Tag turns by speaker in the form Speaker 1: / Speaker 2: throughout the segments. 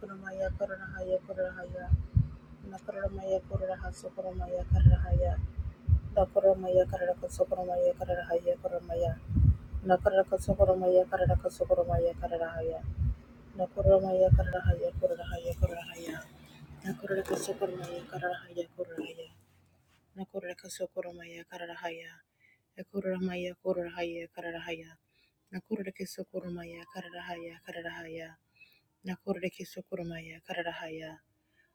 Speaker 1: Koramaya Karahaya Karahaya Nakaramaya Karaha Sokoramaya Karahaya Dakoramaya Karaka Sokoramaya Karahaya Koramaya Nakaraka Sokoramaya Karaka Sokoramaya Karahaya Nakoramaya Karahaya Karahaya Karahaya Nakaraka Sokoramaya Karahaya Karahaya Nakaraka Sokoramaya Karahaya Ekoramaya Karahaya Karahaya Nakurake Sokoramaya Karahaya Karahaya Nakurake Sokoramaya Karahaya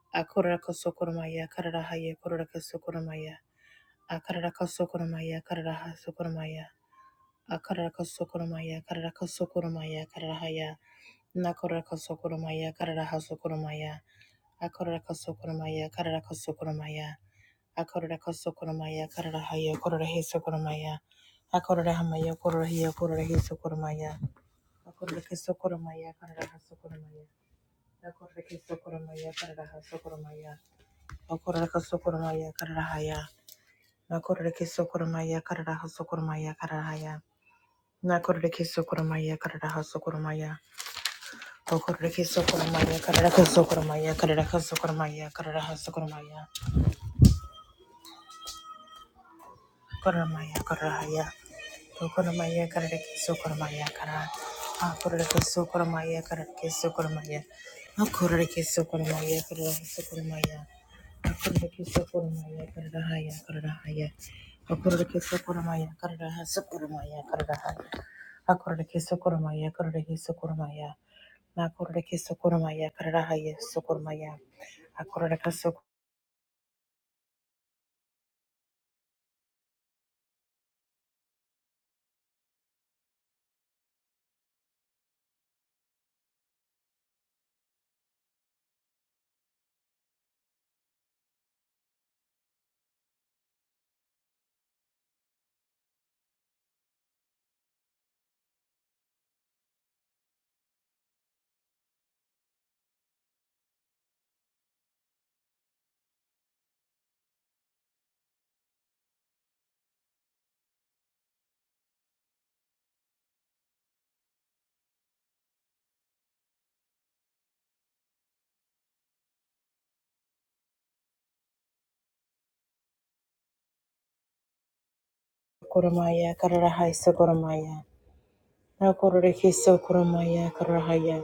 Speaker 1: Akoraraka sokoromaya kararahaya koraraka sokoromaya. Akararaka sokoromaya kararaha sokoromaya. Akararaka sokoromaya kararaka sokoromaya kararahaya. Nakoraraka sokoromaya kararaha sokoromaya. Akoraraka sokoromaya kararaka sokoromaya. Akoraraka sokoromaya kararahaya korarahe sokoromaya. Akorarahamaya korarahiya korarahe sokoromaya. Akoraraka sokoromaya kararaha sokoromaya. Akoraraka sokoromaya kararaha sokoromaya. Okoraka sokoromaya kararahaya. Nakorake sokoromaya kararaha sokoromaya kararahaya. Nakorake sokoromaya kararaha sokoromaya. Okorake sokoromaya kararaka sokoromaya kararaka sokoromaya kararaha sokoromaya. Koromaya kararahaya. Sokoramaya Karaki Sokoramaya Kara Akuraki Sokoramaya Karaki Sokoramaya Akuraki Sokoramaya Karaki Sokoramaya Akuraki Sokoramaya Karadahaya Karadahaya Akuraki Sokoramaya Karadaha Sokoramaya Karadaha Akuraki Sokoramaya Karaki Sokoramaya Nakuraki Sokoramaya Karadahaya Sokoramaya Akuraki Sokoramaya Karadahaya Sokoramaya Nakuraki Sokoramaya Karahaya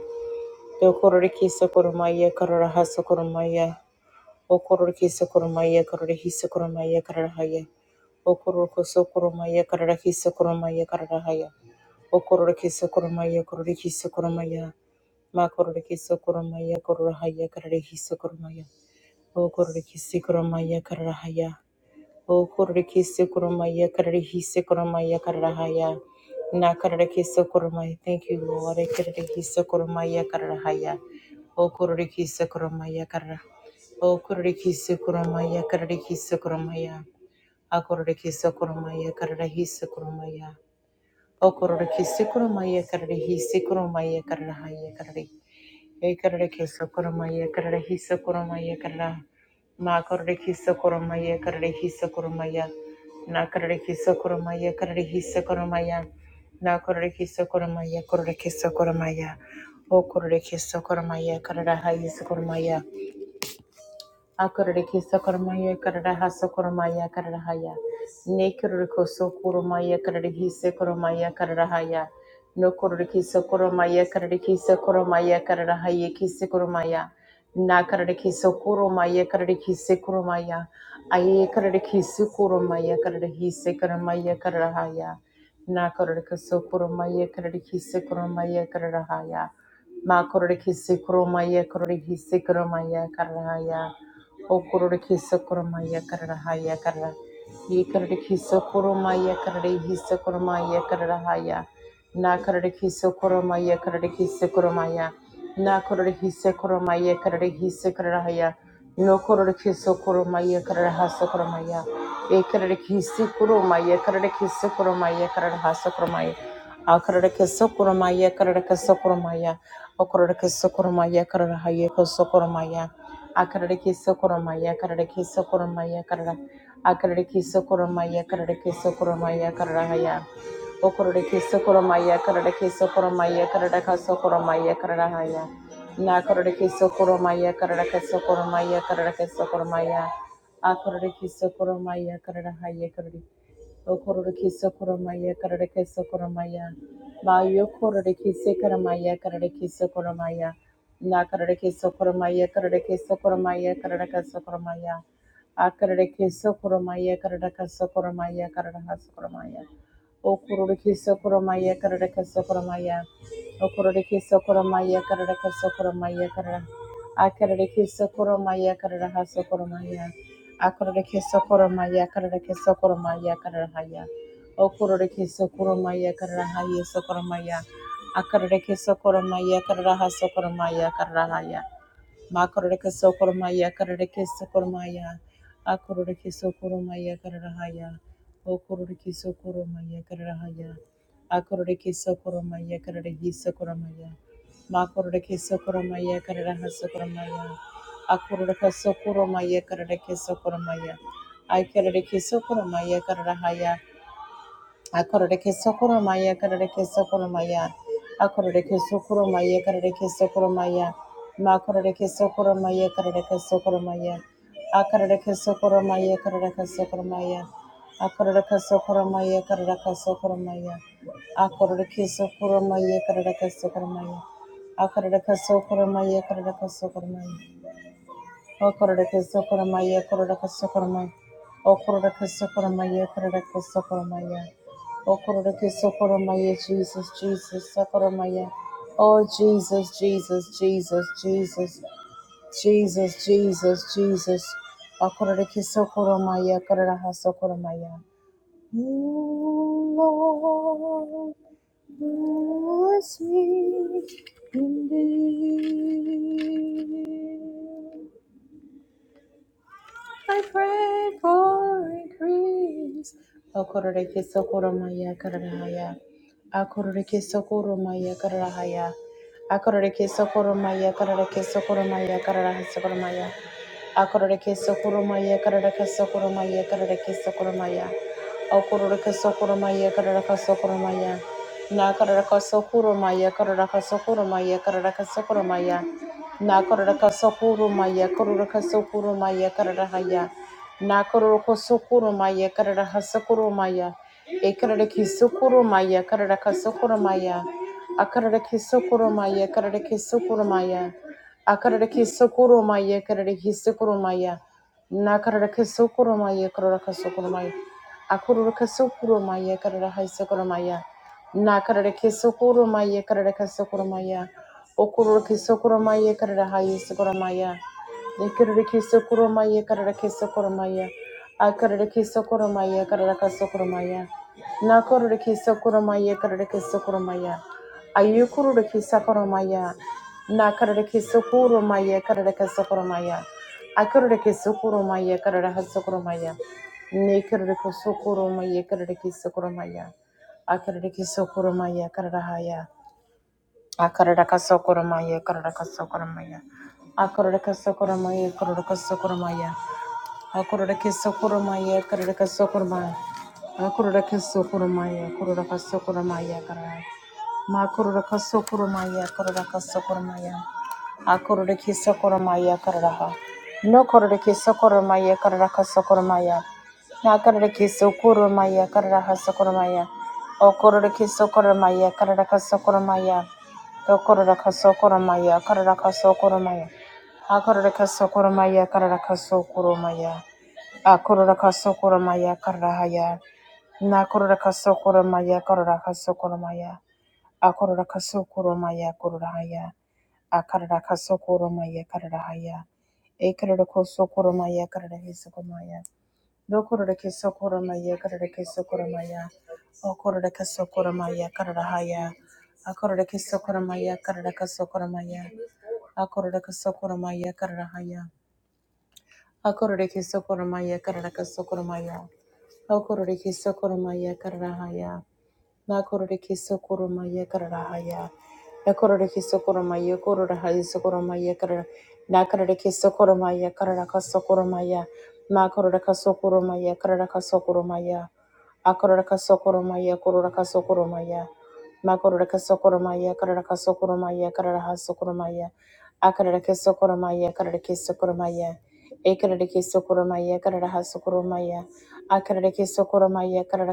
Speaker 1: Yo kororiki sokoromaya kararaha sokoromaya. O kororiki sokoromaya kararahi sokoromaya kararahaya. O kororoko sokoromaya kararahi sokoromaya kararahaya. O kororiki sokoromaya kororiki sokoromaya. Ma kororiki sokoromaya kararahaya kararahi sokoromaya. O kororiki sokoromaya kararahaya. O Kororikisi Kurumaya Kararihisi Kurumaya Kararahaya. Na Kararikisi Kurumaya. Thank you, Lord. Kararikisi Kurumaya Kararahaya. O Kororikisi Kurumaya Karara. O Kororikisi Kurumaya Kararikisi Kurumaya. A Kororikisi Kurumaya Kararihisi Kurumaya. O Kororikisi Kurumaya Kararihisi Kurumaya Kararahaya Ekarada kesa koroma yekarada hisa koroma yekarada ma karada kisa koroma yekarada hisa koroma ya na karada kisa koroma yekarada hisa koroma ya na karada kisa koroma yekarada kisa koroma ya o karada kisa koroma yekarada hisa Akorereke sokoromaya kararaha sokoromaya kararahaya. Nekorereko sokoromaya karereke sokoromaya kararahaya. Nokorereke sokoromaya karereke sokoromaya kararahaya ki sokoromaya. Nakarereke sokoromaya karereke sokoromaya. Aye karereke sokoromaya karereke sokoromaya kararahaya. Nakorereke sokoromaya karereke sokoromaya kararahaya. Ma korereke sokoromaya karereke sokoromaya kararahaya. Okororokhe sakurumaya karara haya karara. Yekarorokhe sakurumaya karara hi sakurumaya karara haya. Nakarorokhe sakurumaya karorokhe sakurumaya. Nakororokhe sakurumaya karara hi sakurara haya. Nokororokhe sakurumaya karara ha sakurumaya. Ekarorokhe sakurumaya karorokhe sakurumaya karara ha sakurumaya. Akarorokhe sakurumaya karorokhe sakurumaya. Okororokhe sakurumaya karara haya sakurumaya akararake sokoromaya akararake sokoromaya karara akararake sokoromaya akararake sokoromaya kararahaya okorarake sokoromaya akararake sokoromaya kararaka sokoromaya kararahaya na akararake sokoromaya akararaka sokoromaya kararaka sokoromaya akararake sokoromaya kararahaya karareke Okororokisa koramaya kararikisa koramaya. Bayo kororokisa karamaya kararikisa koramaya. Na kararikisa koramaya kararikisa koramaya kararikisa koramaya. Akararikisa koramaya kararikisa koramaya kararikisa koramaya. Okororokisa koramaya kararikisa koramaya. Okororokisa koramaya kararikisa koramaya kararikisa koramaya. Akararikisa koramaya kararikisa koramaya. Akororeke sokoromaya, kararake sokoromaya, kararahaya. Okororeke sokoromaya, kararahaya, sokoromaya. Akararake sokoromaya, kararaha sokoromaya, kararahaya. Makororeke sokoromaya karareke sokoromaya. Akororeke sokoromaya kararahaya. Okororeke sokoromaya kararahaya. Akororeke sokoromaya kararahi sokoromaya. Makororeke sokoromaya kararaha sokoromaya. Akororeke sokoromaya karareke sokoromaya. Aikarareke sokoromaya kararahaya. Akorereke sokoro maya, korereke sokoro maya. Akorereke sokoro maya, korereke sokoro maya. Ma korereke sokoro maya, korereke sokoro maya. Akorereke sokoro maya, korereke sokoro maya. Akorereke sokoro maya, korereke sokoro maya. Akorereke sokoro maya, korereke sokoro maya. Akorereke sokoro maya, korereke sokoro maya. O Kororeka Sokoramaya, Kororeka Sokoramaya, O Kororeka Sokoramaya, Kororeka Sokoramaya, O Kororeka Sokoramaya, Jesus, Jesus, Sokoramaya, Oh Jesus, Jesus, Jesus, Jesus, Jesus, Jesus, Jesus, O Kororeka Sokoramaya, Kororeka Sokoramaya. Ooh, Lord, bless me indeed. I pray for increase. Okorore ke sokoro maya kararahaya. Akorore ke sokoro maya kararahaya. Akorore ke sokoro maya karara ke sokoro maya karara ke sokoro maya. Akorore ke sokoro maya karara ke sokoro maya karara ke sokoro maya. Okorore ke sokoro maya karara ke sokoro maya. Na karara ke sokoro maya karara ke sokoro maya karara ke sokoro maya. Na Nakororaka sokuru maya kororaka sokuru maya kararahaya. Nakororoko sokuru maya kararaha sokuru maya. Ekararaki sokuru maya kararaka sokuru maya. Akararaki sokuru maya kararaki sokuru maya. Akararaki sokuru maya kararaki sokuru maya. Na Nakararaki sokuru maya kararaka sokuru maya. Akororaka sokuru maya kararaha sokuru maya. Na Nakararaki sokuru maya kararaka sokuru maya. Okururki sokurumaya karara haye sokurumaya. Dekirurki sokurumaya karara ke sokurumaya. Akarurki sokurumaya karara ka sokurumaya. Nakururki sokurumaya karara ke sokurumaya. Ayukururki sokurumaya. Nakarurki sokurumaya karara ka sokurumaya. Akarurki sokurumaya karara ha sokurumaya. Nekirurki sokurumaya karara ke sokurumaya. Akarurki sokurumaya karara haya. Akararaka sokoramaya, kararaka sokoramaya. Akararaka sokoramaya, kararaka sokoramaya. Akararaka sokoramaya, kararaka sokoramaya. Akararaka sokoramaya, kararaka sokoramaya, kararaka. Makurura kasokurumaya karara kasokurumaya. Akurura kisokurumaya kararaha. No kurura kisokurumaya karara kasokurumaya. Na karura kisokurumaya karara kasokurumaya. O kurura kisokurumaya karara kasokurumaya. Do kurura kasokurumaya karara kasokurumaya. Akurura kasokurumaya karara kasokurumaya. Akurura kasokurumaya kararahaya. Na kurura kasokurumaya karara kasokurumaya. Akorora kasokoromaya kororahaya. Akarara kasokoromaya kararahaya. Ekarara kosokoromaya karara hisokomaya. Dokorora kesokoromaya karara kesokoromaya. Okorora kasokoromaya kararahaya. Akorora kesokoromaya karara kasokoromaya. Akorora kasokoromaya kararahaya. Akorora kesokoromaya karara kasokoromaya. Okorora kesokoromaya kararahaya. Na Na haya. Na korore kiso koroma ye korora haya Nakororeki sokoroma yekarahaya. Nakororeki sokoroma yekororahaya sokoroma yekara. Nakororeki sokoroma yekaraka sokoroma ya. Makororaka sokoroma yekaraka sokoroma ya. Akororaka sokoroma yekororaka sokoroma ya. Makororaka sokoroma yekaraka sokoroma yekaraha sokoroma ya. Akaroraki sokoroma yekaraki sokoroma ya. Ekaraki sokoroma yekaraha sokoroma ya. Akaraki sokoroma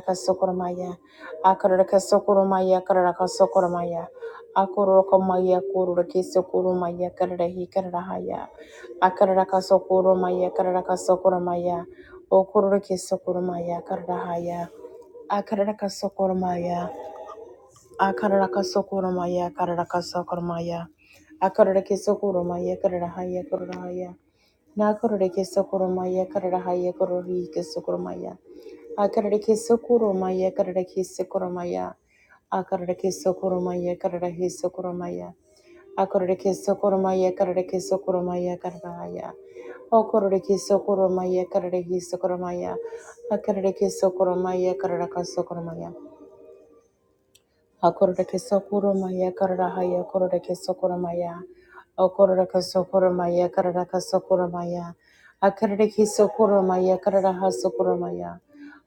Speaker 1: kaso sokoroma ya. Akararaka sokoromaya kararaka sokoromaya. Akorokomaya kororake sokoromaya kararahi kararahaya. Akararaka sokoromaya kararaka sokoromaya. Okororake sokoromaya kararahaya. Akararaka sokoromaya. Akararaka sokoromaya kararaka sokoromaya. Akararake sokoromaya kararahaya kararahaya. Nakororake sokoromaya kararahaya kororike sokoromaya. Akarareke sokoromaya, akarareke sokoromaya, akarareke sokoromaya, akarareke sokoromaya, akarareke sokoromaya, akarareke sokoromaya, akararaya, okorareke sokoromaya, akarareke sokoromaya, akarareke sokoromaya, akararaka sokoromaya. Hakorereke sokurumaya kararahaya korereke sokurumaya. Okorereke sokurumaya kararaka sokurumaya. Hakorereke sokurumaya kararaha sokurumaya.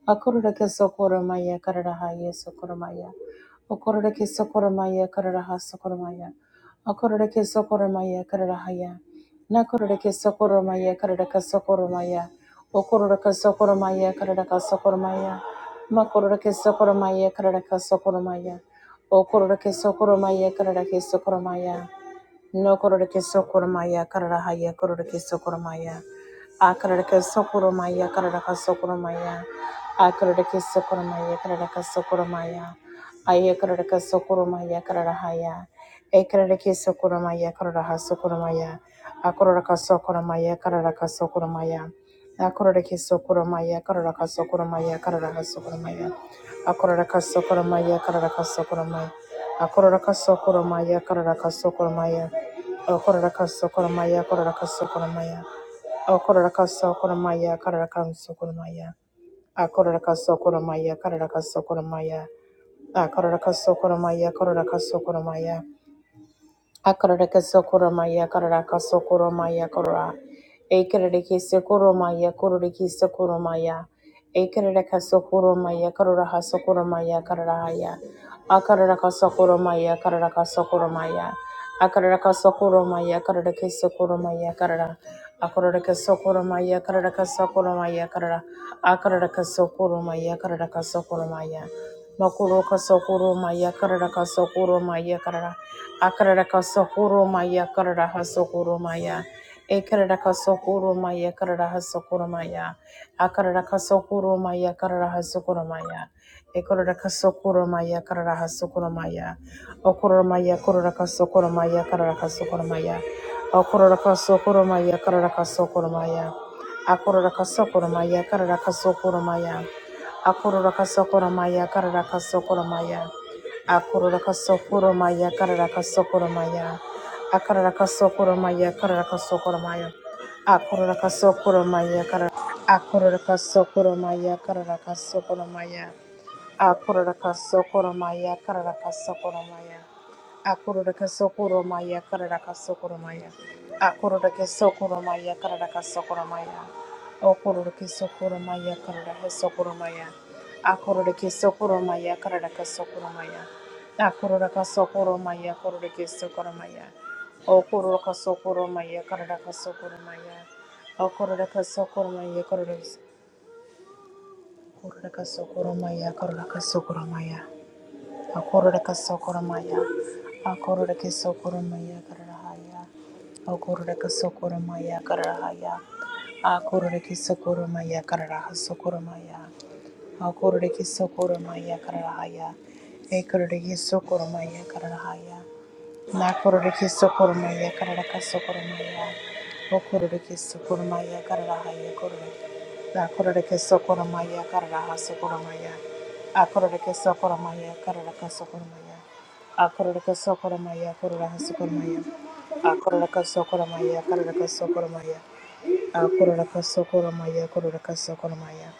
Speaker 1: Hakorereke sokurumaya kararahaya sokurumaya. Okorereke sokurumaya kararaha sokurumaya. Okorereke sokurumaya kararahaya. Nakorereke sokurumaya kararaka sokurumaya. Okorereke sokurumaya kararaka sokurumaya. Makorereke sokurumaya kararaka sokurumaya. O kororake sokoromaya kararake sokoromaya. No kororake sokoromaya kararahaya kororake sokoromaya. A kararake sokoromaya kararaka sokoromaya. A kararake sokoromaya kararaka sokoromaya. Aya kararaka sokoromaya kararahaya. E kararake sokoromaya kararaha sokoromaya. A kororaka sokoromaya kararaka sokoromaya. A kororake sokoromaya kararaka sokoromaya kararaha sokoromaya. A kororaka sokoromaya kararaka sokoromaya. Akorora kasokoromaya, karara kasokoromaya, akorora kasokoromaya, korora kasokoromaya, akorora kasokoromaya, karara kasokoromaya, akorora kasokoromaya, karara kasokoromaya, akorora kasokoromaya, korora kasokoromaya, Akararaka sokoromaya kararaka sokoromaya korora. Ekararaki sokoromaya kororiki sokoromaya. Ekararaka sokoromaya karoraha sokoromaya kararahaya. Akararaka sokoromaya kararaka sokoromaya. Akararaka sokoromaya kararaki sokoromaya karara. Akararaka sokoromaya kararaka sokoromaya karara. Akararaka sokoromaya kararaka sokoromaya. Makuroka sokoro maya karara ka sokoro maya karara. Akarara ka sokoro maya karara ha sokoro maya. Ekarara ka sokoro maya karara ha sokoro maya. Akarara ka sokoro maya karara ha sokoro maya. Ekarara ka sokoro maya karara ha sokoro maya. Okororo maya korora ka sokoro maya karara ka sokoro maya. Okororo ka sokoro maya karara ka sokoro maya. Akororo ka sokoro maya karara ka sokoro maya. Akorora kasokora maya karara kasokora maya. Akorora kasokora maya karara kasokora maya. Akarara kasokora maya karara kasokora maya. Akorora kasokora maya karara. Akorora kasokora maya karara kasokora maya. Akororaka sokoromaya kararaka sokoromaya. Akororaka sokoromaya kararaka sokoromaya. Akororaka sokoromaya kararaka sokoromaya. Okororaka sokoromaya kararaka sokoromaya. Akororaka sokoromaya kararaka sokoromaya. Akororaka sokoromaya kororaka sokoromaya. Okororaka sokoromaya kararaka sokoromaya. Okororaka sokoromaya kororaka sokoromaya kararaka sokoromaya. Akororeka sokoromaya. Akororeke sokoromaya karahaya. Akororeka sokoromaya karahaya. Akororeke sokoromaya karaha sokoromaya. Akororeke sokoromaya karahaya. Ekororeke sokoromaya karahaya. Nakororeke sokoromaya kararaka sokoromaya. Okororeke sokoromaya karahaya kororeke. Nakororeke sokoromaya karaha sokoromaya. Akororeke sokoramaya, kararaka sokoramaya. Akororeke sokoramaya, kororaka sokoramaya. Akororaka sokoramaya, kararaka sokoramaya. Akororaka sokoramaya, kororaka sokoramaya.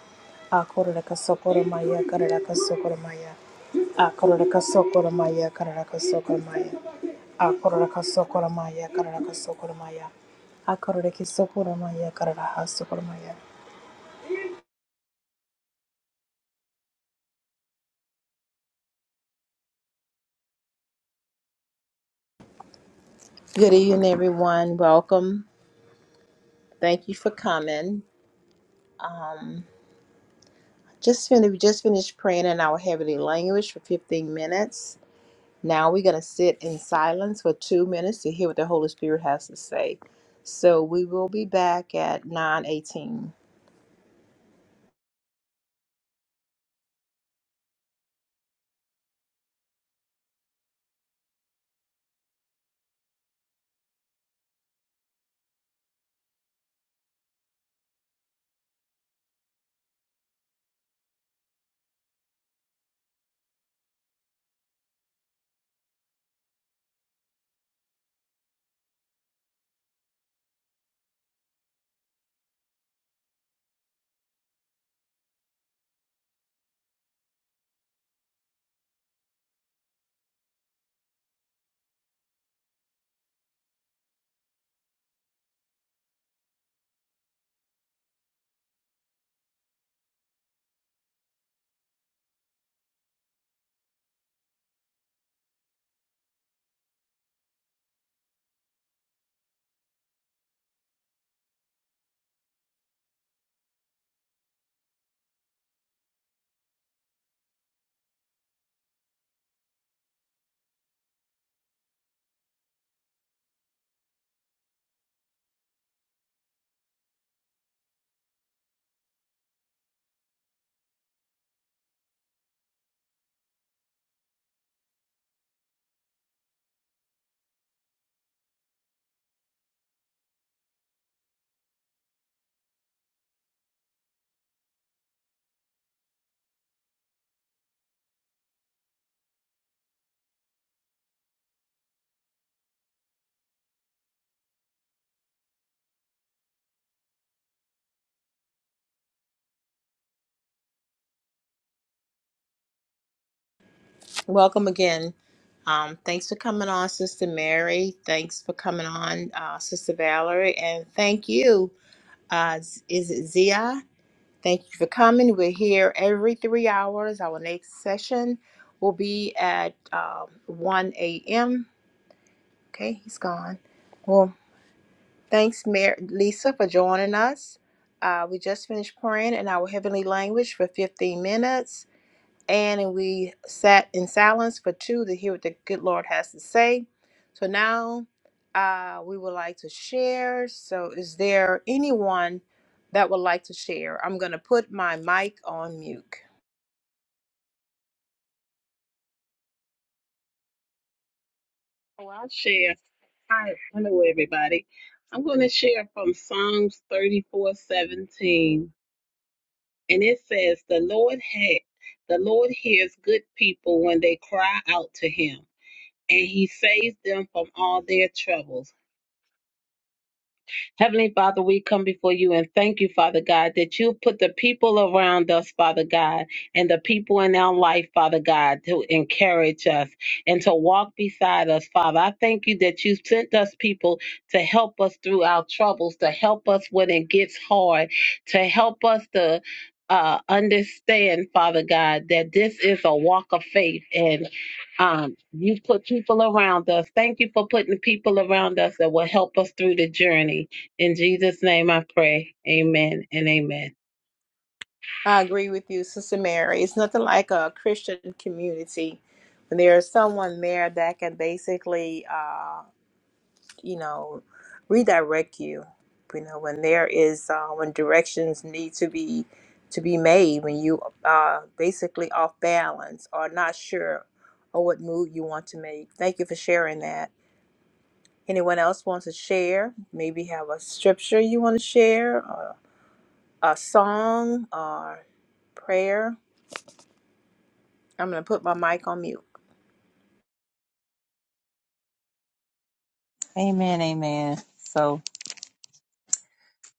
Speaker 1: Akororaka sokoramaya, kararaka sokoramaya. Akororaka sokoramaya, kararaka sokoramaya. Akororaka sokoramaya, kararaka sokoramaya. Akororeke sokoramaya, kararaka sokoramaya. Good evening, everyone. Welcome. Thank you for coming. Just finished, we just finished praying in our heavenly language for 15 minutes. Now we're going to sit in silence for two minutes to hear what the Holy Spirit has to say. So we will be back at 9:18. Welcome again. Um, thanks for coming on, Sister Mary. Thanks for coming on, uh, Sister Valerie, and thank you. Uh, Z- is it Zia? Thank you for coming. We're here every three hours. Our next session will be at uh, 1 a.m. Okay, he's gone. Well, thanks, Mar- Lisa, for joining us. Uh, we just finished praying in our heavenly language for 15 minutes, and we sat in silence for two to hear what the good Lord has to say. So now uh, we would like to share. So, is there anyone that would like to share? I'm going to put my mic on mute.
Speaker 2: Oh, I'll share. Hi, hello everybody. I'm going to share from Psalms 34:17, and it says, "The Lord had, the Lord hears good people when they cry out to Him, and He saves them from all their troubles. Heavenly Father, we come before you and thank you, Father God, that you put the people around us, Father God, and the people in our life, Father God, to encourage us and to walk beside us, Father. I thank you that you sent us people to help us through our troubles, to help us when it gets hard, to help us to uh, understand, Father God, that this is a walk of faith and um, you put people around us. Thank you for putting people around us that will help us through the journey. In Jesus' name I pray. Amen and amen.
Speaker 1: I agree with you, Sister Mary. It's nothing like a Christian community when there is someone there that can basically, uh, you know, redirect you. You know, when there is uh, when directions need to be to be made, when you uh, basically off balance or not sure or what move you want to make. Thank you for sharing that. Anyone else wants to share? Maybe have a scripture you want to share, or a song, or prayer. I'm gonna put my mic on mute.
Speaker 3: Amen, amen. So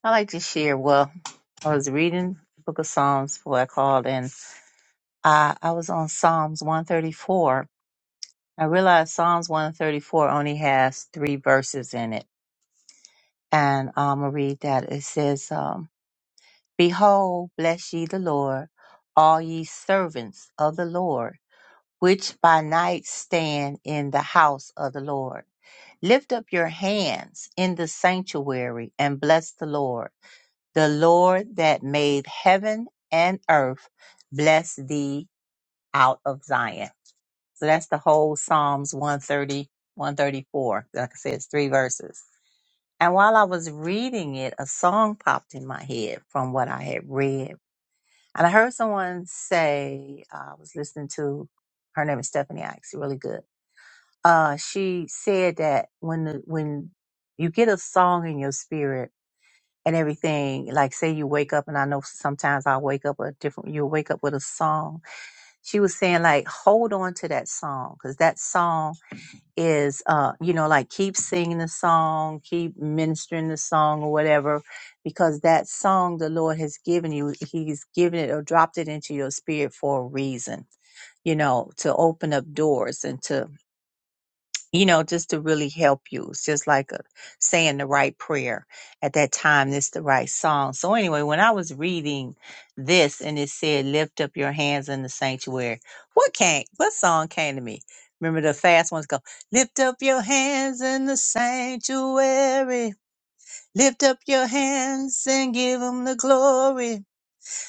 Speaker 3: I like to share. Well, I was reading the book of Psalms before I called and I, I was on Psalms 134. I realized Psalms 134 only has three verses in it. And um, I'm going to read that. It says, um, Behold, bless ye the Lord, all ye servants of the Lord, which by night stand in the house of the Lord. Lift up your hands in the sanctuary and bless the Lord. The Lord that made heaven and earth bless thee out of Zion. So that's the whole Psalms one thirty one thirty four. Like I said, it's three verses. And while I was reading it, a song popped in my head from what I had read. And I heard someone say, uh, I was listening to, her name is Stephanie Ike. She's really good. Uh, she said that when the, when you get a song in your spirit and everything. Like say you wake up and I know sometimes I wake up a different you wake up with a song. She was saying like hold on to that song cuz that song is uh you know like keep singing the song, keep ministering the song or whatever because that song the Lord has given you he's given it or dropped it into your spirit for a reason you know, to open up doors and to you know, just to really help you. It's just like a, saying the right prayer at that time. It's the right song. So anyway, when I was reading this and it said, "Lift up your hands in the sanctuary," what came? What song came to me? Remember the fast ones go, "Lift up your hands in the sanctuary, lift up your hands and give them the glory."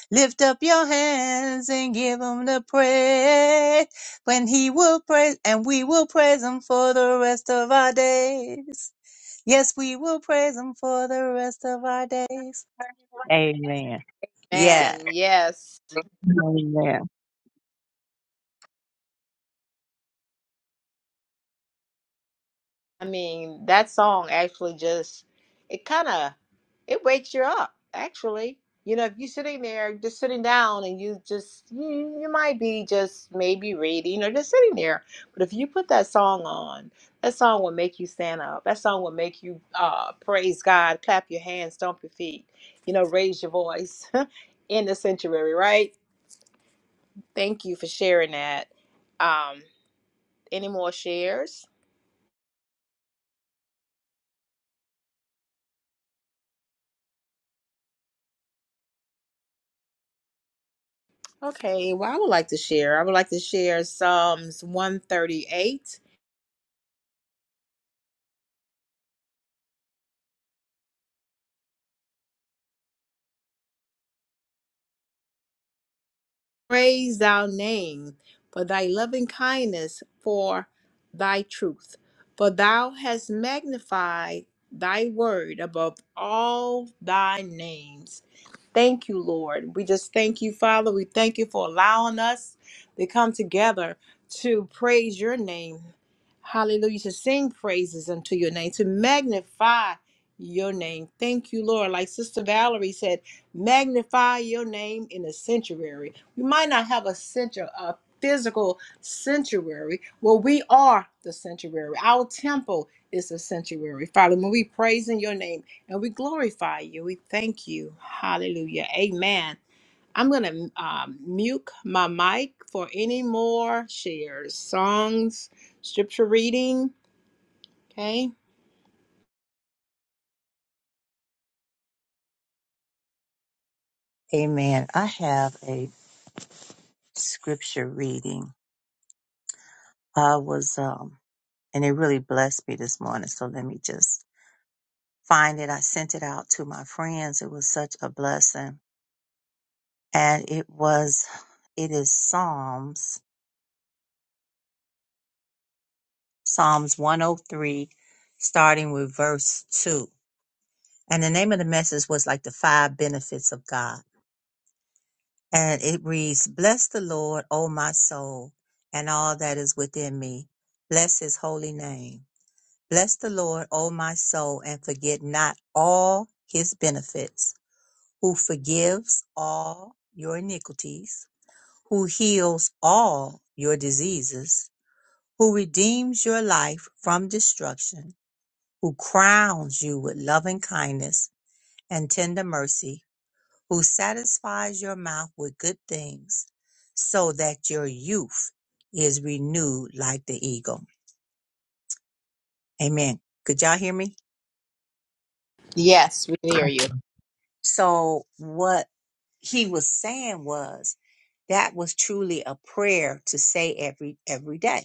Speaker 3: Lift up your hands and give him the praise. When he will praise, and we will praise him for the rest of our days. Yes, we will praise him for the rest of our days. Amen.
Speaker 1: Man,
Speaker 3: Yeah. Amen.
Speaker 1: I mean, that song actually just it kind of it wakes you up. Actually, you know, if you're sitting there just sitting down and you just you, you might be just maybe reading or just sitting there, but if you put that song on, that song will make you stand up. That song will make you uh, praise God, clap your hands, stomp your feet, you know, raise your voice in the sanctuary. Right? Thank you for sharing that. Um, any more shares? Okay, well, I would like to share. I would like to share Psalms 138. praise Thou name for thy loving kindness, for thy truth. For thou hast magnified thy word above all thy names. Thank you, Lord. We just thank you, Father. We thank you for allowing us to come together to praise your name. Hallelujah. To sing praises unto your name, to magnify your name. Thank you, Lord. Like Sister Valerie said, magnify your name in the sanctuary. You might not have a center, a physical sanctuary. Well, we are the sanctuary. Our temple is the sanctuary. Father, when we praise in your name and we glorify you, we thank you. Hallelujah. Amen. I'm going to um, mute my mic for any more shares, songs, scripture reading. Okay.
Speaker 3: Amen. I have a scripture reading. I was, um, and it really blessed me this morning. So let me just find it. I sent it out to my friends. It was such a blessing and it was it is Psalms Psalms 103 starting with verse 2 and the name of the message was like the five benefits of God and it reads bless the Lord O my soul and all that is within me bless his holy name bless the Lord O my soul and forget not all his benefits who forgives all your iniquities who heals all your diseases who redeems your life from destruction, who crowns you with loving kindness and tender mercy, who satisfies your mouth with good things, so that your youth is renewed like the eagle. Amen. Could y'all hear me?
Speaker 1: Yes, we hear you.
Speaker 3: So, what he was saying was that was truly a prayer to say every every day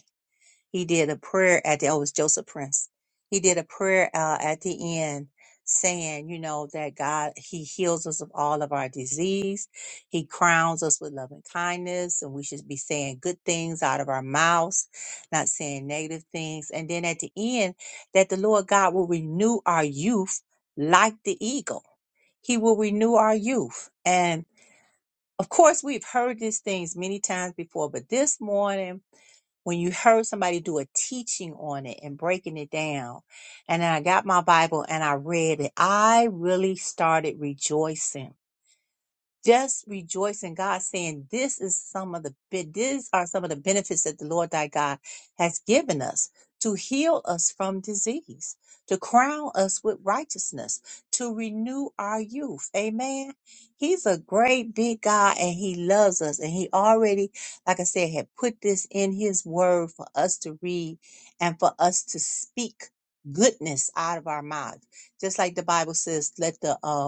Speaker 3: He did a prayer at the, oh, it was Joseph Prince. He did a prayer uh, at the end saying, you know, that God, He heals us of all of our disease. He crowns us with loving kindness, and we should be saying good things out of our mouths, not saying negative things. And then at the end, that the Lord God will renew our youth like the eagle. He will renew our youth. And of course, we've heard these things many times before, but this morning, when you heard somebody do a teaching on it and breaking it down. And then I got my Bible and I read it. I really started rejoicing just rejoice in God saying this is some of the be- these are some of the benefits that the Lord thy God has given us to heal us from disease, to crown us with righteousness, to renew our youth. Amen. He's a great big God and he loves us. And he already, like I said, had put this in his word for us to read and for us to speak goodness out of our mouth. Just like the Bible says, let the uh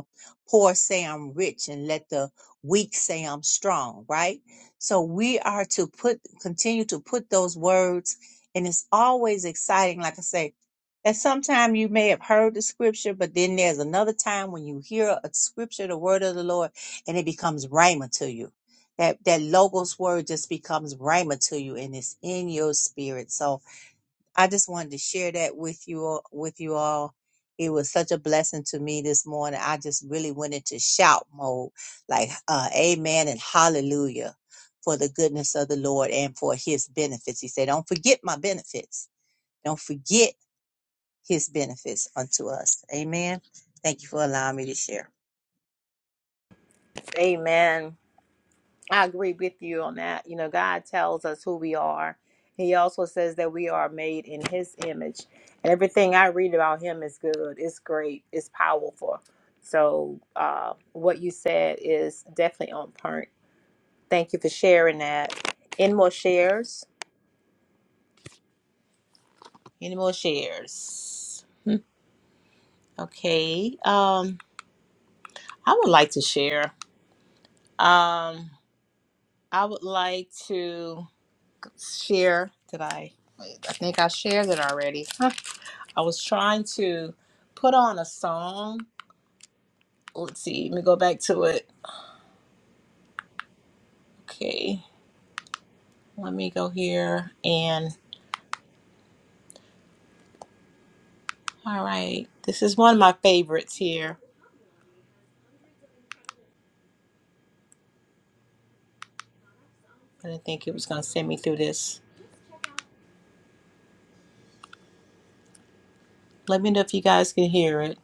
Speaker 3: Poor say I'm rich and let the weak say I'm strong, right? So we are to put, continue to put those words. And it's always exciting. Like I say, that sometime you may have heard the scripture, but then there's another time when you hear a scripture, the word of the Lord, and it becomes rhema to you. That, that logos word just becomes rhema to you and it's in your spirit. So I just wanted to share that with you all, with you all. It was such a blessing to me this morning. I just really went into shout mode, like uh, amen and hallelujah for the goodness of the Lord and for his benefits. He said, don't forget my benefits. Don't forget his benefits unto us. Amen. Thank you for allowing me to share.
Speaker 1: Amen. I agree with you on that. You know, God tells us who we are. He also says that we are made in His image. And everything I read about Him is good, it's great, it's powerful. So, uh, what you said is definitely on point. Thank you for sharing that. Any more shares? Any more shares? Okay. Um, I would like to share. Um, I would like to share. Did I? Wait, I think I shared it already. I was trying to put on a song. Let's see, let me go back to it. Okay, let me go here. And all right, this is one of my favorites here. I didn't think it was going to send me through this. Let me know if you guys can hear it.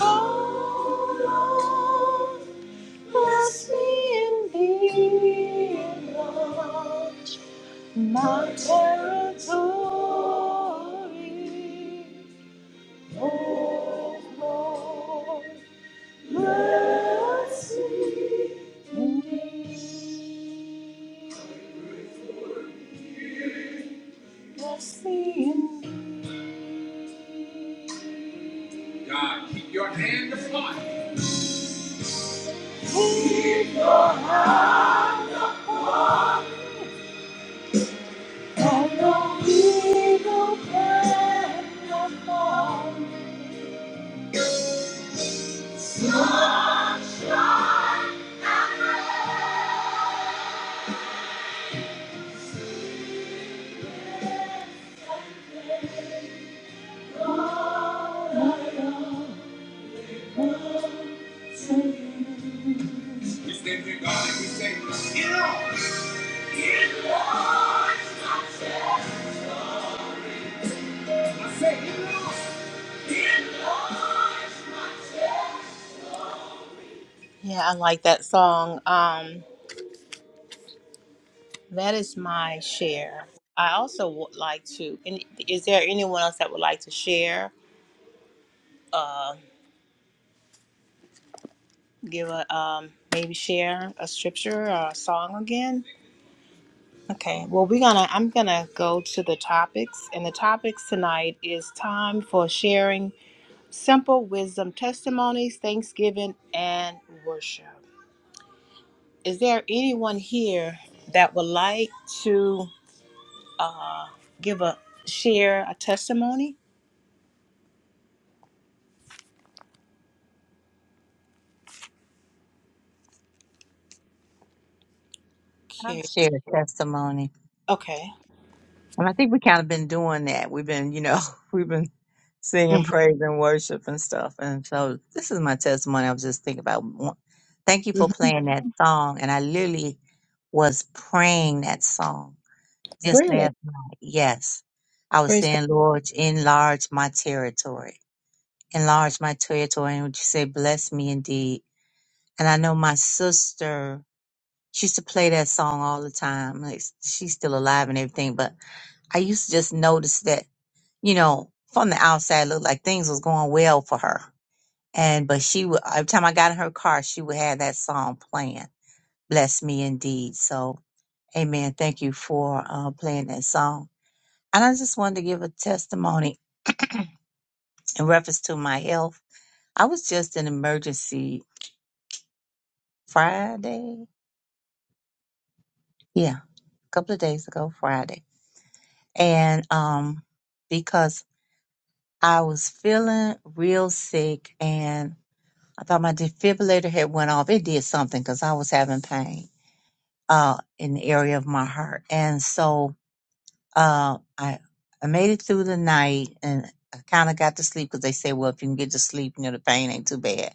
Speaker 1: Oh, Lord, bless me indeed, Lord, my territory, Lord. Bless me indeed. We stand here, God, and we say, Get on! Get on! I say, Get on! Get on! Yeah, I like that song. Um, that is my share. I also would like to. And is there anyone else that would like to share? Uh, give a um, maybe share a scripture or a song again. Okay. Well, we're gonna. I'm gonna go to the topics, and the topics tonight is time for sharing. simple wisdom testimonies, thanksgiving, and worship. Is there anyone here that would like to give a share a testimony?
Speaker 3: I'll
Speaker 1: Okay.
Speaker 3: share a testimony.
Speaker 1: Okay.
Speaker 3: And I think we kind of been doing that. We've been, you know, we've been singing
Speaker 1: Mhm.
Speaker 3: praise and worship and stuff. And so this is my testimony. I was just thinking about. one- Thank you for
Speaker 1: Mhm.
Speaker 3: playing that song. And I literally was praying that song just
Speaker 1: Really?
Speaker 3: last night. Yes. I was
Speaker 1: Praise
Speaker 3: saying, Lord, enlarge my territory. Enlarge my territory. And would you say, bless me indeed? And I know my sister, she used to play that song all the time. Like, she's still alive and everything. But I used to just notice that you know, from the outside it looked like things was going well for her. And but she would every time I got in her car, she would have that song playing. Bless me indeed. So Amen. Thank you for uh, playing that song. And I just wanted to give a testimony in reference to my health. I was just in emergency Friday. Yeah, a couple of days ago, Friday. And um because I was feeling real sick and. I thought my defibrillator had went off. It did something because I was having pain uh, in the area of my heart, and so uh, I I made it through the night and I kind of got to sleep because they said, well, if you can get to sleep, you know, the pain ain't too bad.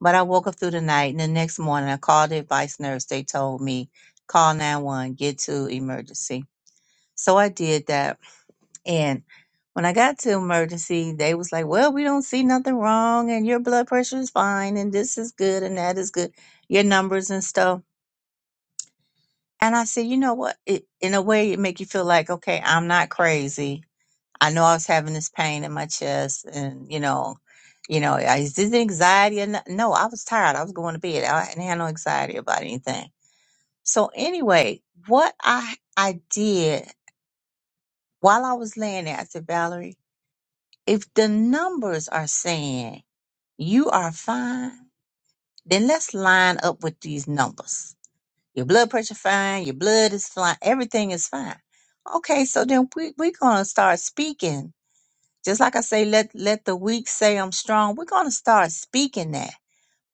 Speaker 3: But I woke up through the night, and the next morning I called the advice nurse. They told me call 911, get to emergency. So I did that and when I got to emergency, they was like, "Well, we don't see nothing wrong, and your blood pressure is fine, and this is good, and that is good, your numbers and stuff." And I said, "You know what? It, in a way, it make you feel like, okay, I'm not crazy. I know I was having this pain in my chest, and you know, you know, I- is this anxiety? Or no, no, I was tired. I was going to bed. I hadn't had no anxiety about anything. So anyway, what I I did while I was laying there, I said, Valerie." if the numbers are saying you are fine, then let's line up with these numbers. Your blood pressure fine, your blood is fine, everything is fine. Okay, so then we, we're gonna start speaking. Just like I say, let let the weak say I'm strong. We're gonna start speaking that.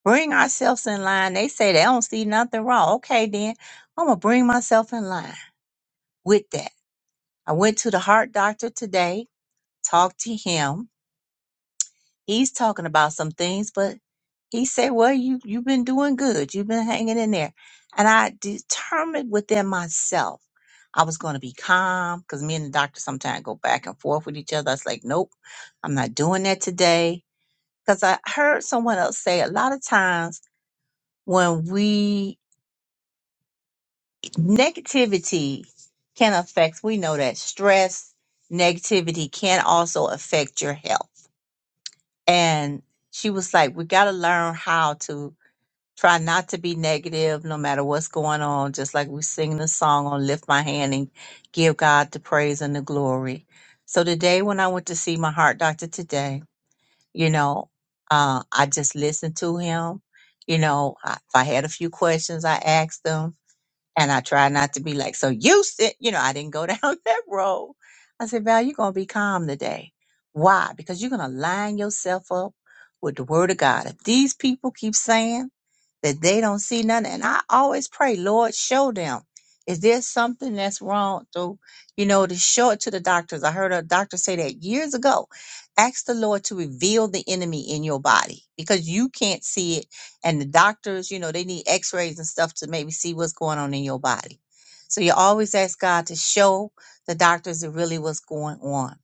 Speaker 3: Bring ourselves in line. They say they don't see nothing wrong. Okay, then I'm gonna bring myself in line with that. I went to the heart doctor today, talked to him He's talking about some things, but he said, "Well, you you've been doing good. You've been hanging in there." And I determined within myself I was going to be calm because me and the doctor sometimes go back and forth with each other. I was like, "Nope, I'm not doing that today." Because I heard someone else say a lot of times when we negativity can affect. We know that stress, negativity can also affect your health, and she was like, "We got to learn how to." Try not to be negative no matter what's going on. Just like we sing the song on Lift My Hand and give God the praise and the glory. So today when I went to see my heart doctor today, you know, uh, I just listened to him. You know, I, if I had a few questions, I asked him and I try not to be like, so you sit, you know, I didn't go down that road. I said, Val, you're going to be calm today. Why? Because you're going to line yourself up with the word of God. If these people keep saying that they don't see nothing, and I always pray, Lord, show them. Is there something that's wrong? So, you know, to show it to the doctors. I heard a doctor say that years ago. Ask the Lord to reveal the enemy in your body because you can't see it and the doctors, you know, they need x-rays and stuff to maybe see what's going on in your body. So you always ask God to show the doctors that really what's going on.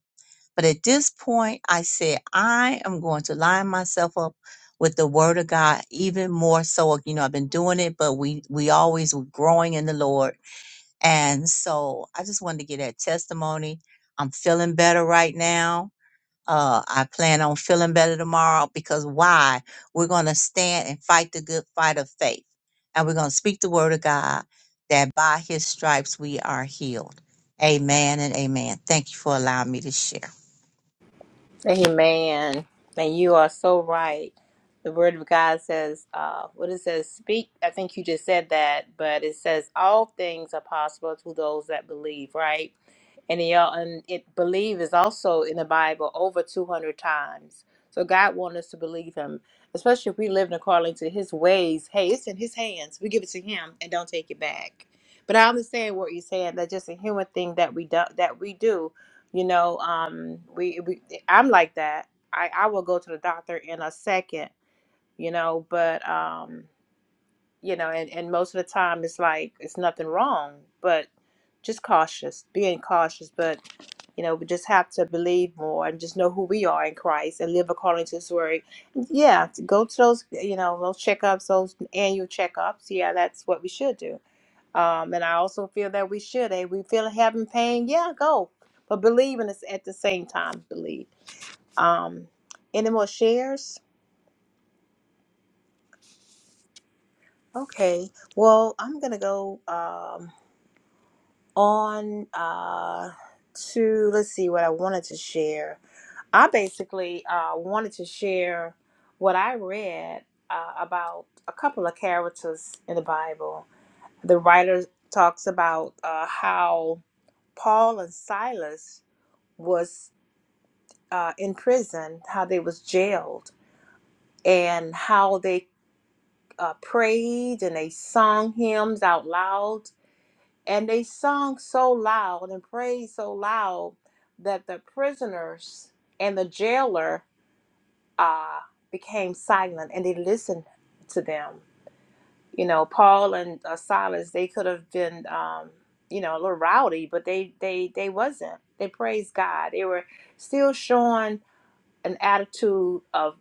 Speaker 3: But at this point, I said, I am going to line myself up with the word of God even more so. You know, I've been doing it, but we we always were growing in the Lord. And so I just wanted to get that testimony. I'm feeling better right now uh, I plan on feeling better tomorrow because why? We're going to stand and fight the good fight of faith. And we're going to speak the word of God that by his stripes we are healed. Amen and amen. Thank you for allowing me to share.
Speaker 1: Amen. And you are so right. The word of God says, uh, what it says, speak. I think you just said that, but it says, all things are possible to those that believe, right? And, it, and it believe is also in the Bible over 200 times. So God wants us to believe Him, especially if we live according to His ways. Hey, it's in His hands. We give it to Him and don't take it back. But I understand what you're saying. That's just a human thing that we do, that we do you know, um, we, we I'm like that. I, I will go to the doctor in a second, you know, but um, you know, and, and most of the time it's like it's nothing wrong, but just cautious, being cautious, but you know, we just have to believe more and just know who we are in Christ and live according to His word. Yeah, to go to those, you know, those checkups, those annual checkups. Yeah, that's what we should do um, and I also feel that we should. Hey, we feel having pain, yeah, go. But believe in us at the same time, believe. Um, any more shares? Okay. Well, I'm gonna go um on uh to let's see what I wanted to share. I basically uh wanted to share what I read uh, about a couple of characters in the Bible. The writer talks about uh, how Paul and Silas was uh, in prison, how they was jailed, and how they uh, prayed and they sung hymns out loud, and they sung so loud and prayed so loud that the prisoners and the jailer uh, became silent and they listened to them. You know, Paul and uh, Silas, they could have been, um, you know, a little rowdy, but they they they wasn't. They praised God. They were still showing an attitude of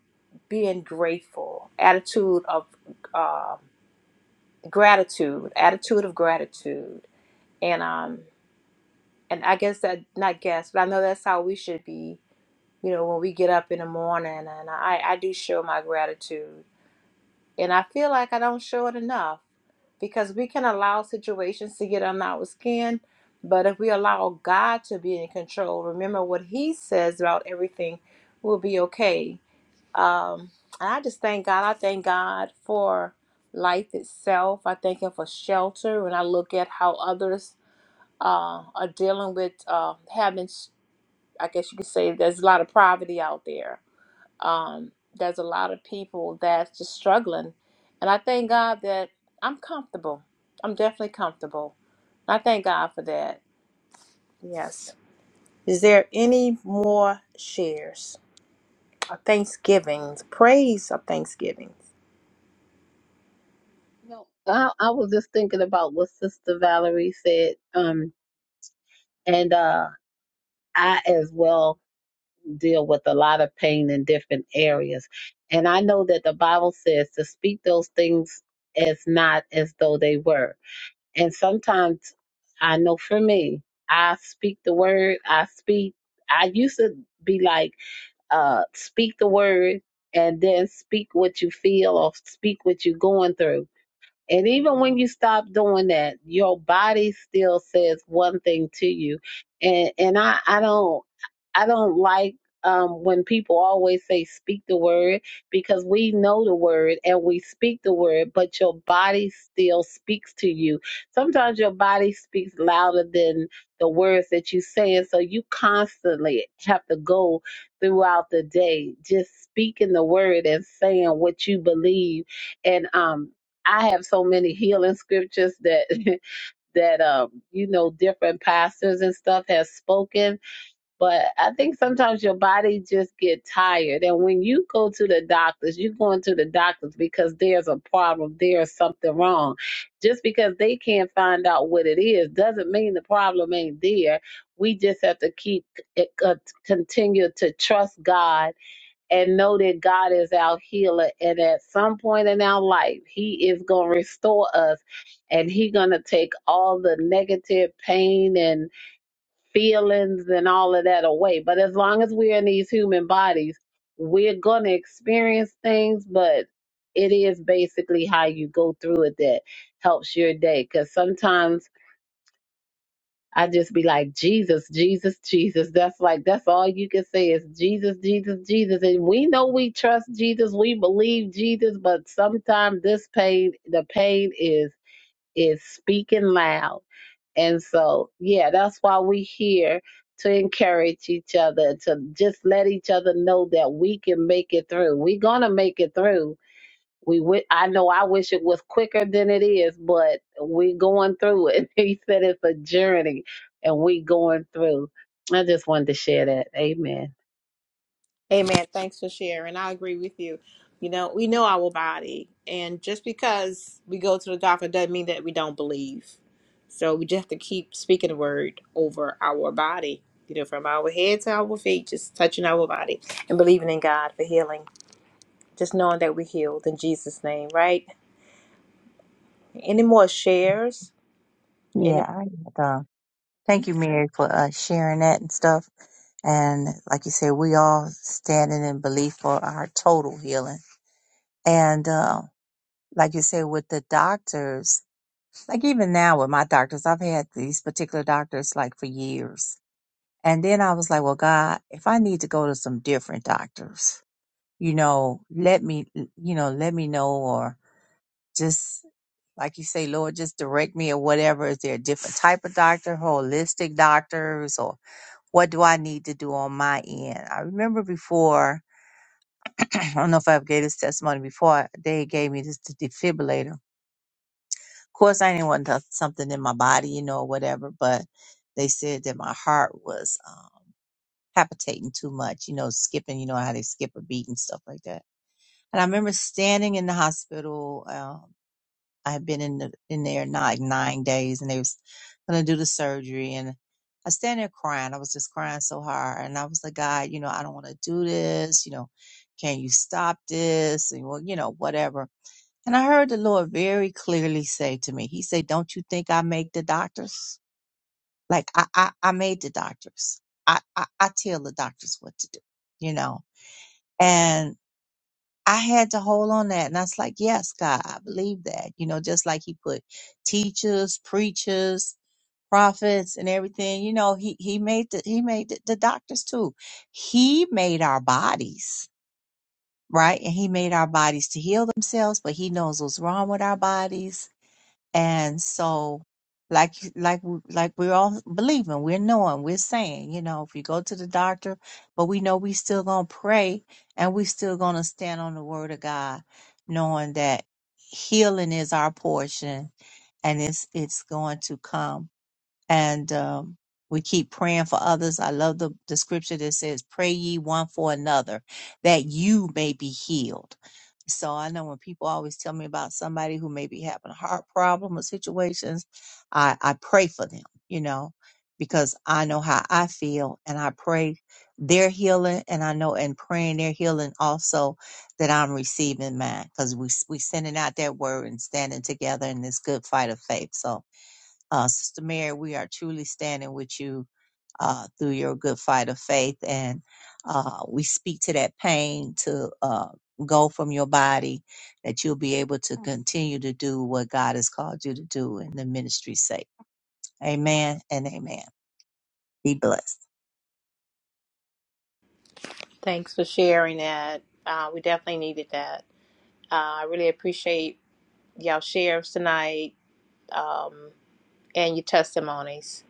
Speaker 1: being grateful, attitude of um gratitude, attitude of gratitude, and um, and I guess that not guess, but I know that's how we should be. You know, when we get up in the morning, and I I do show my gratitude, and I feel like I don't show it enough because we can allow situations to get under our skin. But if we allow God to be in control, remember what He says about everything, we'll be okay Um, and I just thank God. I thank God for life itself. I thank Him for shelter. When I look at how others uh, are dealing with uh, having, I guess you could say, there's a lot of poverty out there. Um, there's a lot of people that's just struggling. And I thank God that I'm comfortable. I'm definitely comfortable. I thank God for that. Yes. Is there any more shares or thanksgivings, praise of thanksgivings?
Speaker 2: You know, I, I was just thinking about what Sister Valerie said, um, and uh, I as well deal with a lot of pain in different areas, and I know that the Bible says to speak those things as not as though they were, and sometimes I know for me, I speak the word, I speak. I used to be like. uh, speak the word and then speak what you feel or speak what you're going through and even when you stop doing that, your body still says one thing to you. And and I, I don't I don't like um, when people always say speak the word because we know the word and we speak the word, but your body still speaks to you. Sometimes your body speaks louder than the words that you say, and so you constantly have to go throughout the day just speaking the word and saying what you believe and um I have so many healing scriptures that that um you know different pastors and stuff have spoken, but I think sometimes your body just get tired, and when you go to the doctors, you're going to the doctors because there's a problem, there's something wrong. Just because they can't find out what it is doesn't mean the problem ain't there. We just have to keep it, uh, continue to trust God and know that God is our healer. And at some point in our life, He is going to restore us and He going to take all the negative pain and feelings and all of that away. But as long as we're in these human bodies, we're going to experience things, but it is basically how you go through it that helps your day. Because sometimes I just be like, Jesus, Jesus, Jesus. That's like, that's all you can say is Jesus, Jesus, Jesus. And we know we trust Jesus, we believe Jesus, but sometimes this pain, the pain is, is speaking loud. And so, yeah, that's why we here to encourage each other, to just let each other know that we can make it through. We're going to make it through we wi- I know I wish it was quicker than it is, but we going through it. He said it's a journey and we going through. I just wanted to share that. Amen.
Speaker 1: Amen. Thanks for sharing. I agree with you. You know, we know our body, and just because we go to the doctor doesn't mean that we don't believe. So we just have to keep speaking the word over our body, you know, from our head to our feet, just touching our body and believing in God for healing. Just knowing that we're healed in Jesus' name, right? Any more shares? Any?
Speaker 3: Yeah, I had, uh, thank you, Mary, for uh, sharing that and stuff. And like you said, we all standing in belief for our total healing. And uh, like you said, with the doctors. Like even now with my doctors, I've had these particular doctors like for years. And then I was like, well, God, if I need to go to some different doctors, you know, let me, you know, let me know or just like you say, Lord, just direct me or whatever. Is there a different type of doctor, holistic doctors, or what do I need to do on my end? I remember before, I don't know if I've gave this testimony before, they gave me this defibrillator course, I didn't want to, something in my body, you know, or whatever, but they said that my heart was um, palpitating too much, you know, skipping, you know, how they skip a beat and stuff like that. And I remember standing in the hospital. Um, I had been in the, in there not like nine days, and they was gonna do the surgery, and I stand there crying. I was just crying so hard, and I was like, God, you know, I don't want to do this. You know, can you stop this? And well, you know, whatever. And I heard the Lord very clearly say to me, He said, Don't you think I make the doctors? Like I I, I made the doctors. I, I I tell the doctors what to do, you know. And I had to hold on that and I was like, Yes, God, I believe that. You know, just like he put teachers, preachers, prophets and everything, you know, he he made the he made the, the doctors too. He made our bodies, right? And he made our bodies to heal themselves, but he knows what's wrong with our bodies And so, like, like, we- like we're all believing, we're knowing, we're saying, you know, if we go to the doctor, but we know we still gonna pray and we still gonna stand on the word of God, knowing that healing is our portion and it's, it's going to come. And, um, we keep praying for others. I love the, the scripture that says, pray ye one for another that you may be healed so I know when people always tell me about somebody who may be having a heart problem or situations, I, I pray for them, you know, because I know how I feel and I pray their healing and I know in praying their healing also that I'm receiving mine because we, we sending out that word and standing together in this good fight of faith. So uh, Sister Mary, we are truly standing with you uh, through your good fight of faith. And uh, we speak to that pain to uh, go from your body, that you'll be able to continue to do what God has called you to do in the ministry's sake. Amen and amen. Be blessed.
Speaker 1: Thanks for sharing that. Uh, we definitely needed that. Uh, I really appreciate y'all shares tonight. Um, and your testimonies.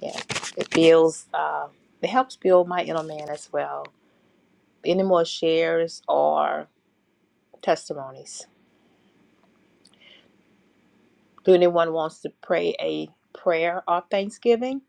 Speaker 1: Yeah, it builds, uh, it helps build my inner man as well. Any more shares or testimonies? Do anyone wants to pray a prayer or thanksgiving?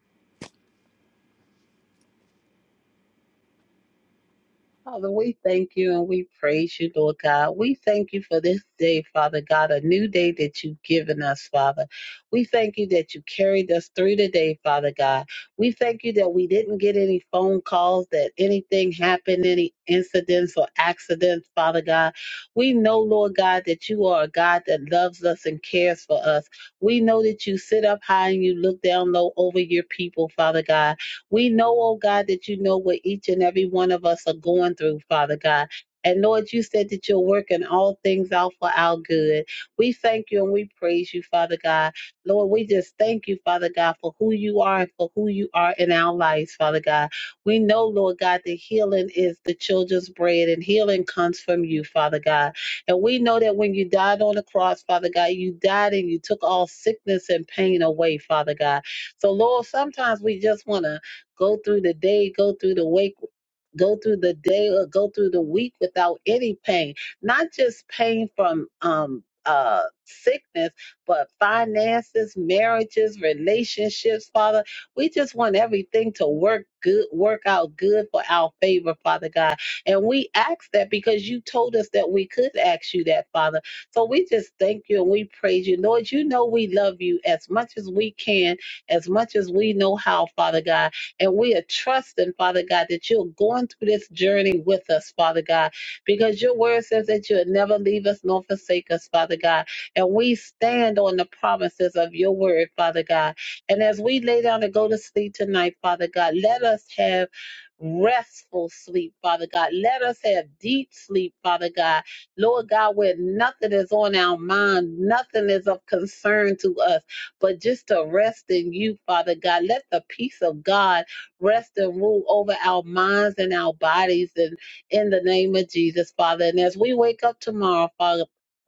Speaker 2: Father, we thank you and we praise you, Lord God. We thank you for this day, Father God, a new day that you've given us, Father. We thank you that you carried us through the day, Father God. We thank you that we didn't get any phone calls, that anything happened, any incidents or accidents, Father God. We know, Lord God, that you are a God that loves us and cares for us. We know that you sit up high and you look down low over your people, Father God. We know, oh God, that you know what each and every one of us are going through, Father God. And Lord, you said that you're working all things out for our good. We thank you and we praise you, Father God. Lord, we just thank you, Father God, for who you are and for who you are in our lives, Father God. We know, Lord God, that healing is the children's bread and healing comes from you, Father God. And we know that when you died on the cross, Father God, you died and you took all sickness and pain away, Father God. So, Lord, sometimes we just want to Go through the day, go through the wake, go through the day or go through the week without any pain. Not just pain from um uh sickness, but finances, marriages, relationships, Father. We just want everything to work good, work out good for our favor, Father God. And we ask that because you told us that we could ask you that, Father. So we just thank you and we praise you. Lord, you know we love you as much as we can, as much as we know how, Father God. And we are trusting, Father God, that you're going through this journey with us, Father God, because your word says that you'll never leave us nor forsake us, Father God. And we stand on the promises of your word, Father God. And as we lay down and go to sleep tonight, Father God, let us have restful sleep, Father God. Let us have deep sleep, Father God. Lord God, where nothing is on our mind, nothing is of concern to us, but just to rest in you, Father God. Let the peace of God rest and rule over our minds and our bodies and in the name of Jesus, Father. And as we wake up tomorrow, Father,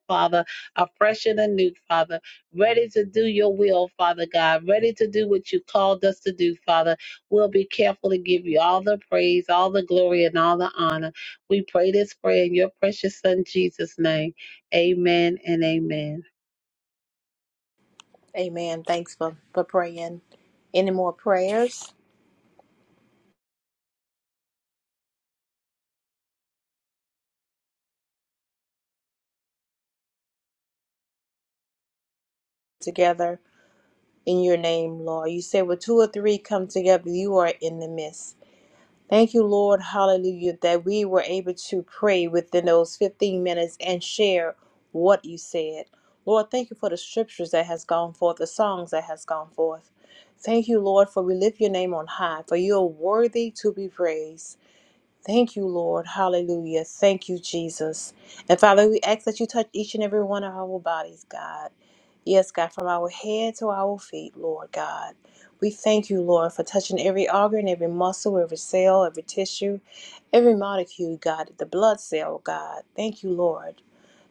Speaker 2: Father, are fresh and anew, Father, ready to do your will, Father God, ready to do what you called us to do, Father. We'll be careful to give you all the praise, all the glory, and all the honor. We pray this prayer in your precious Son, Jesus' name. Amen and amen.
Speaker 1: Amen. Thanks for, for praying. Any more prayers together in your name, Lord? You say, where two or three come together, you are in the midst. Thank you, Lord, hallelujah, that we were able to pray within those 15 minutes and share what you said. Lord, thank you for the scriptures that has gone forth, the songs that has gone forth. Thank you, Lord, for we lift your name on high, for you are worthy to be praised. Thank you, Lord. Hallelujah. Thank you, Jesus. And Father, we ask that you touch each and every one of our bodies, God. Yes, God, from our head to our feet, Lord God. We thank you, Lord, for touching every organ, every muscle, every cell, every tissue, every molecule, God, the blood cell, God. Thank you, Lord.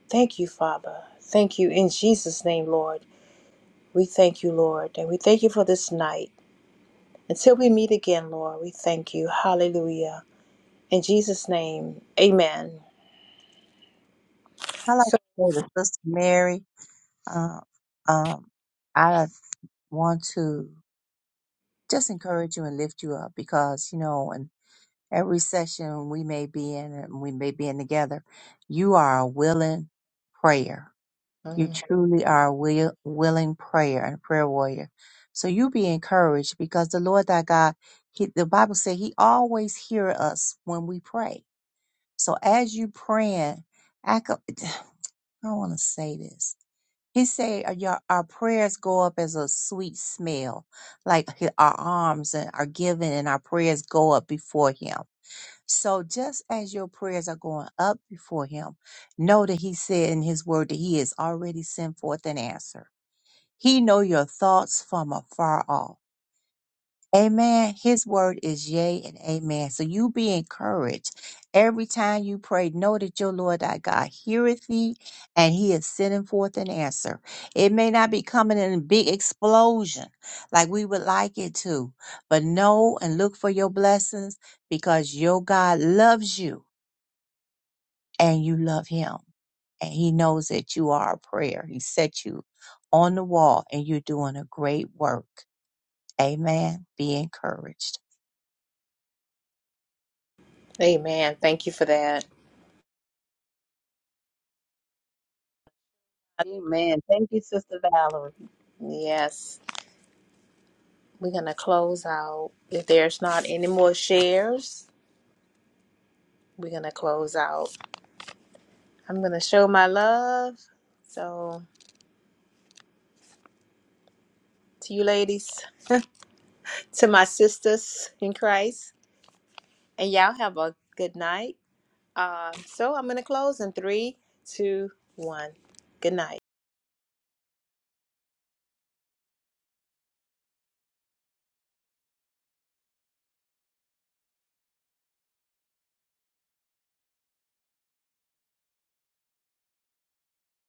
Speaker 1: Thank you, Father. Thank you in Jesus' name, Lord. We thank you, Lord, and we thank you for this night. Until we meet again, Lord, we thank you. Hallelujah. In Jesus' name, amen.
Speaker 3: I like to
Speaker 1: So,
Speaker 3: say to Sister Mary, uh, um, I want to just encourage you and lift you up because, you know, and. every session we may be in and we may be in together, you are a willing prayer. You
Speaker 1: mm,
Speaker 3: truly are a will, willing prayer and prayer warrior. So you be encouraged because the Lord thy God, he, the Bible said he always hear us when we pray. So as you praying, I, co- I don't want to say this. He said uh, your, our prayers go up as a sweet smell, like hi- our arms and are given and our prayers go up before him. So just as your prayers are going up before him, know that he said in his word that he has already sent forth an answer. He know your thoughts from afar off. Amen. His word is yea and amen. So you be encouraged every time you pray. Know that your Lord thy God heareth thee and he is sending forth an answer. It may not be coming in a big explosion like we would like it to, but know and look for your blessings because your God loves you and you love him and he knows that you are a prayer. He set you on the wall and you're doing a great work. Amen. Be encouraged.
Speaker 1: amen. Thank you for that.
Speaker 2: Amen. Thank you, Sister Valerie.
Speaker 1: Yes, we're going to close out. If there's not any more shares, we're going to close out. I'm going to show my love. So, to you ladies, to my sisters in Christ, and y'all have a good night. Uh, so, I'm going to close in three, two, one. Good night.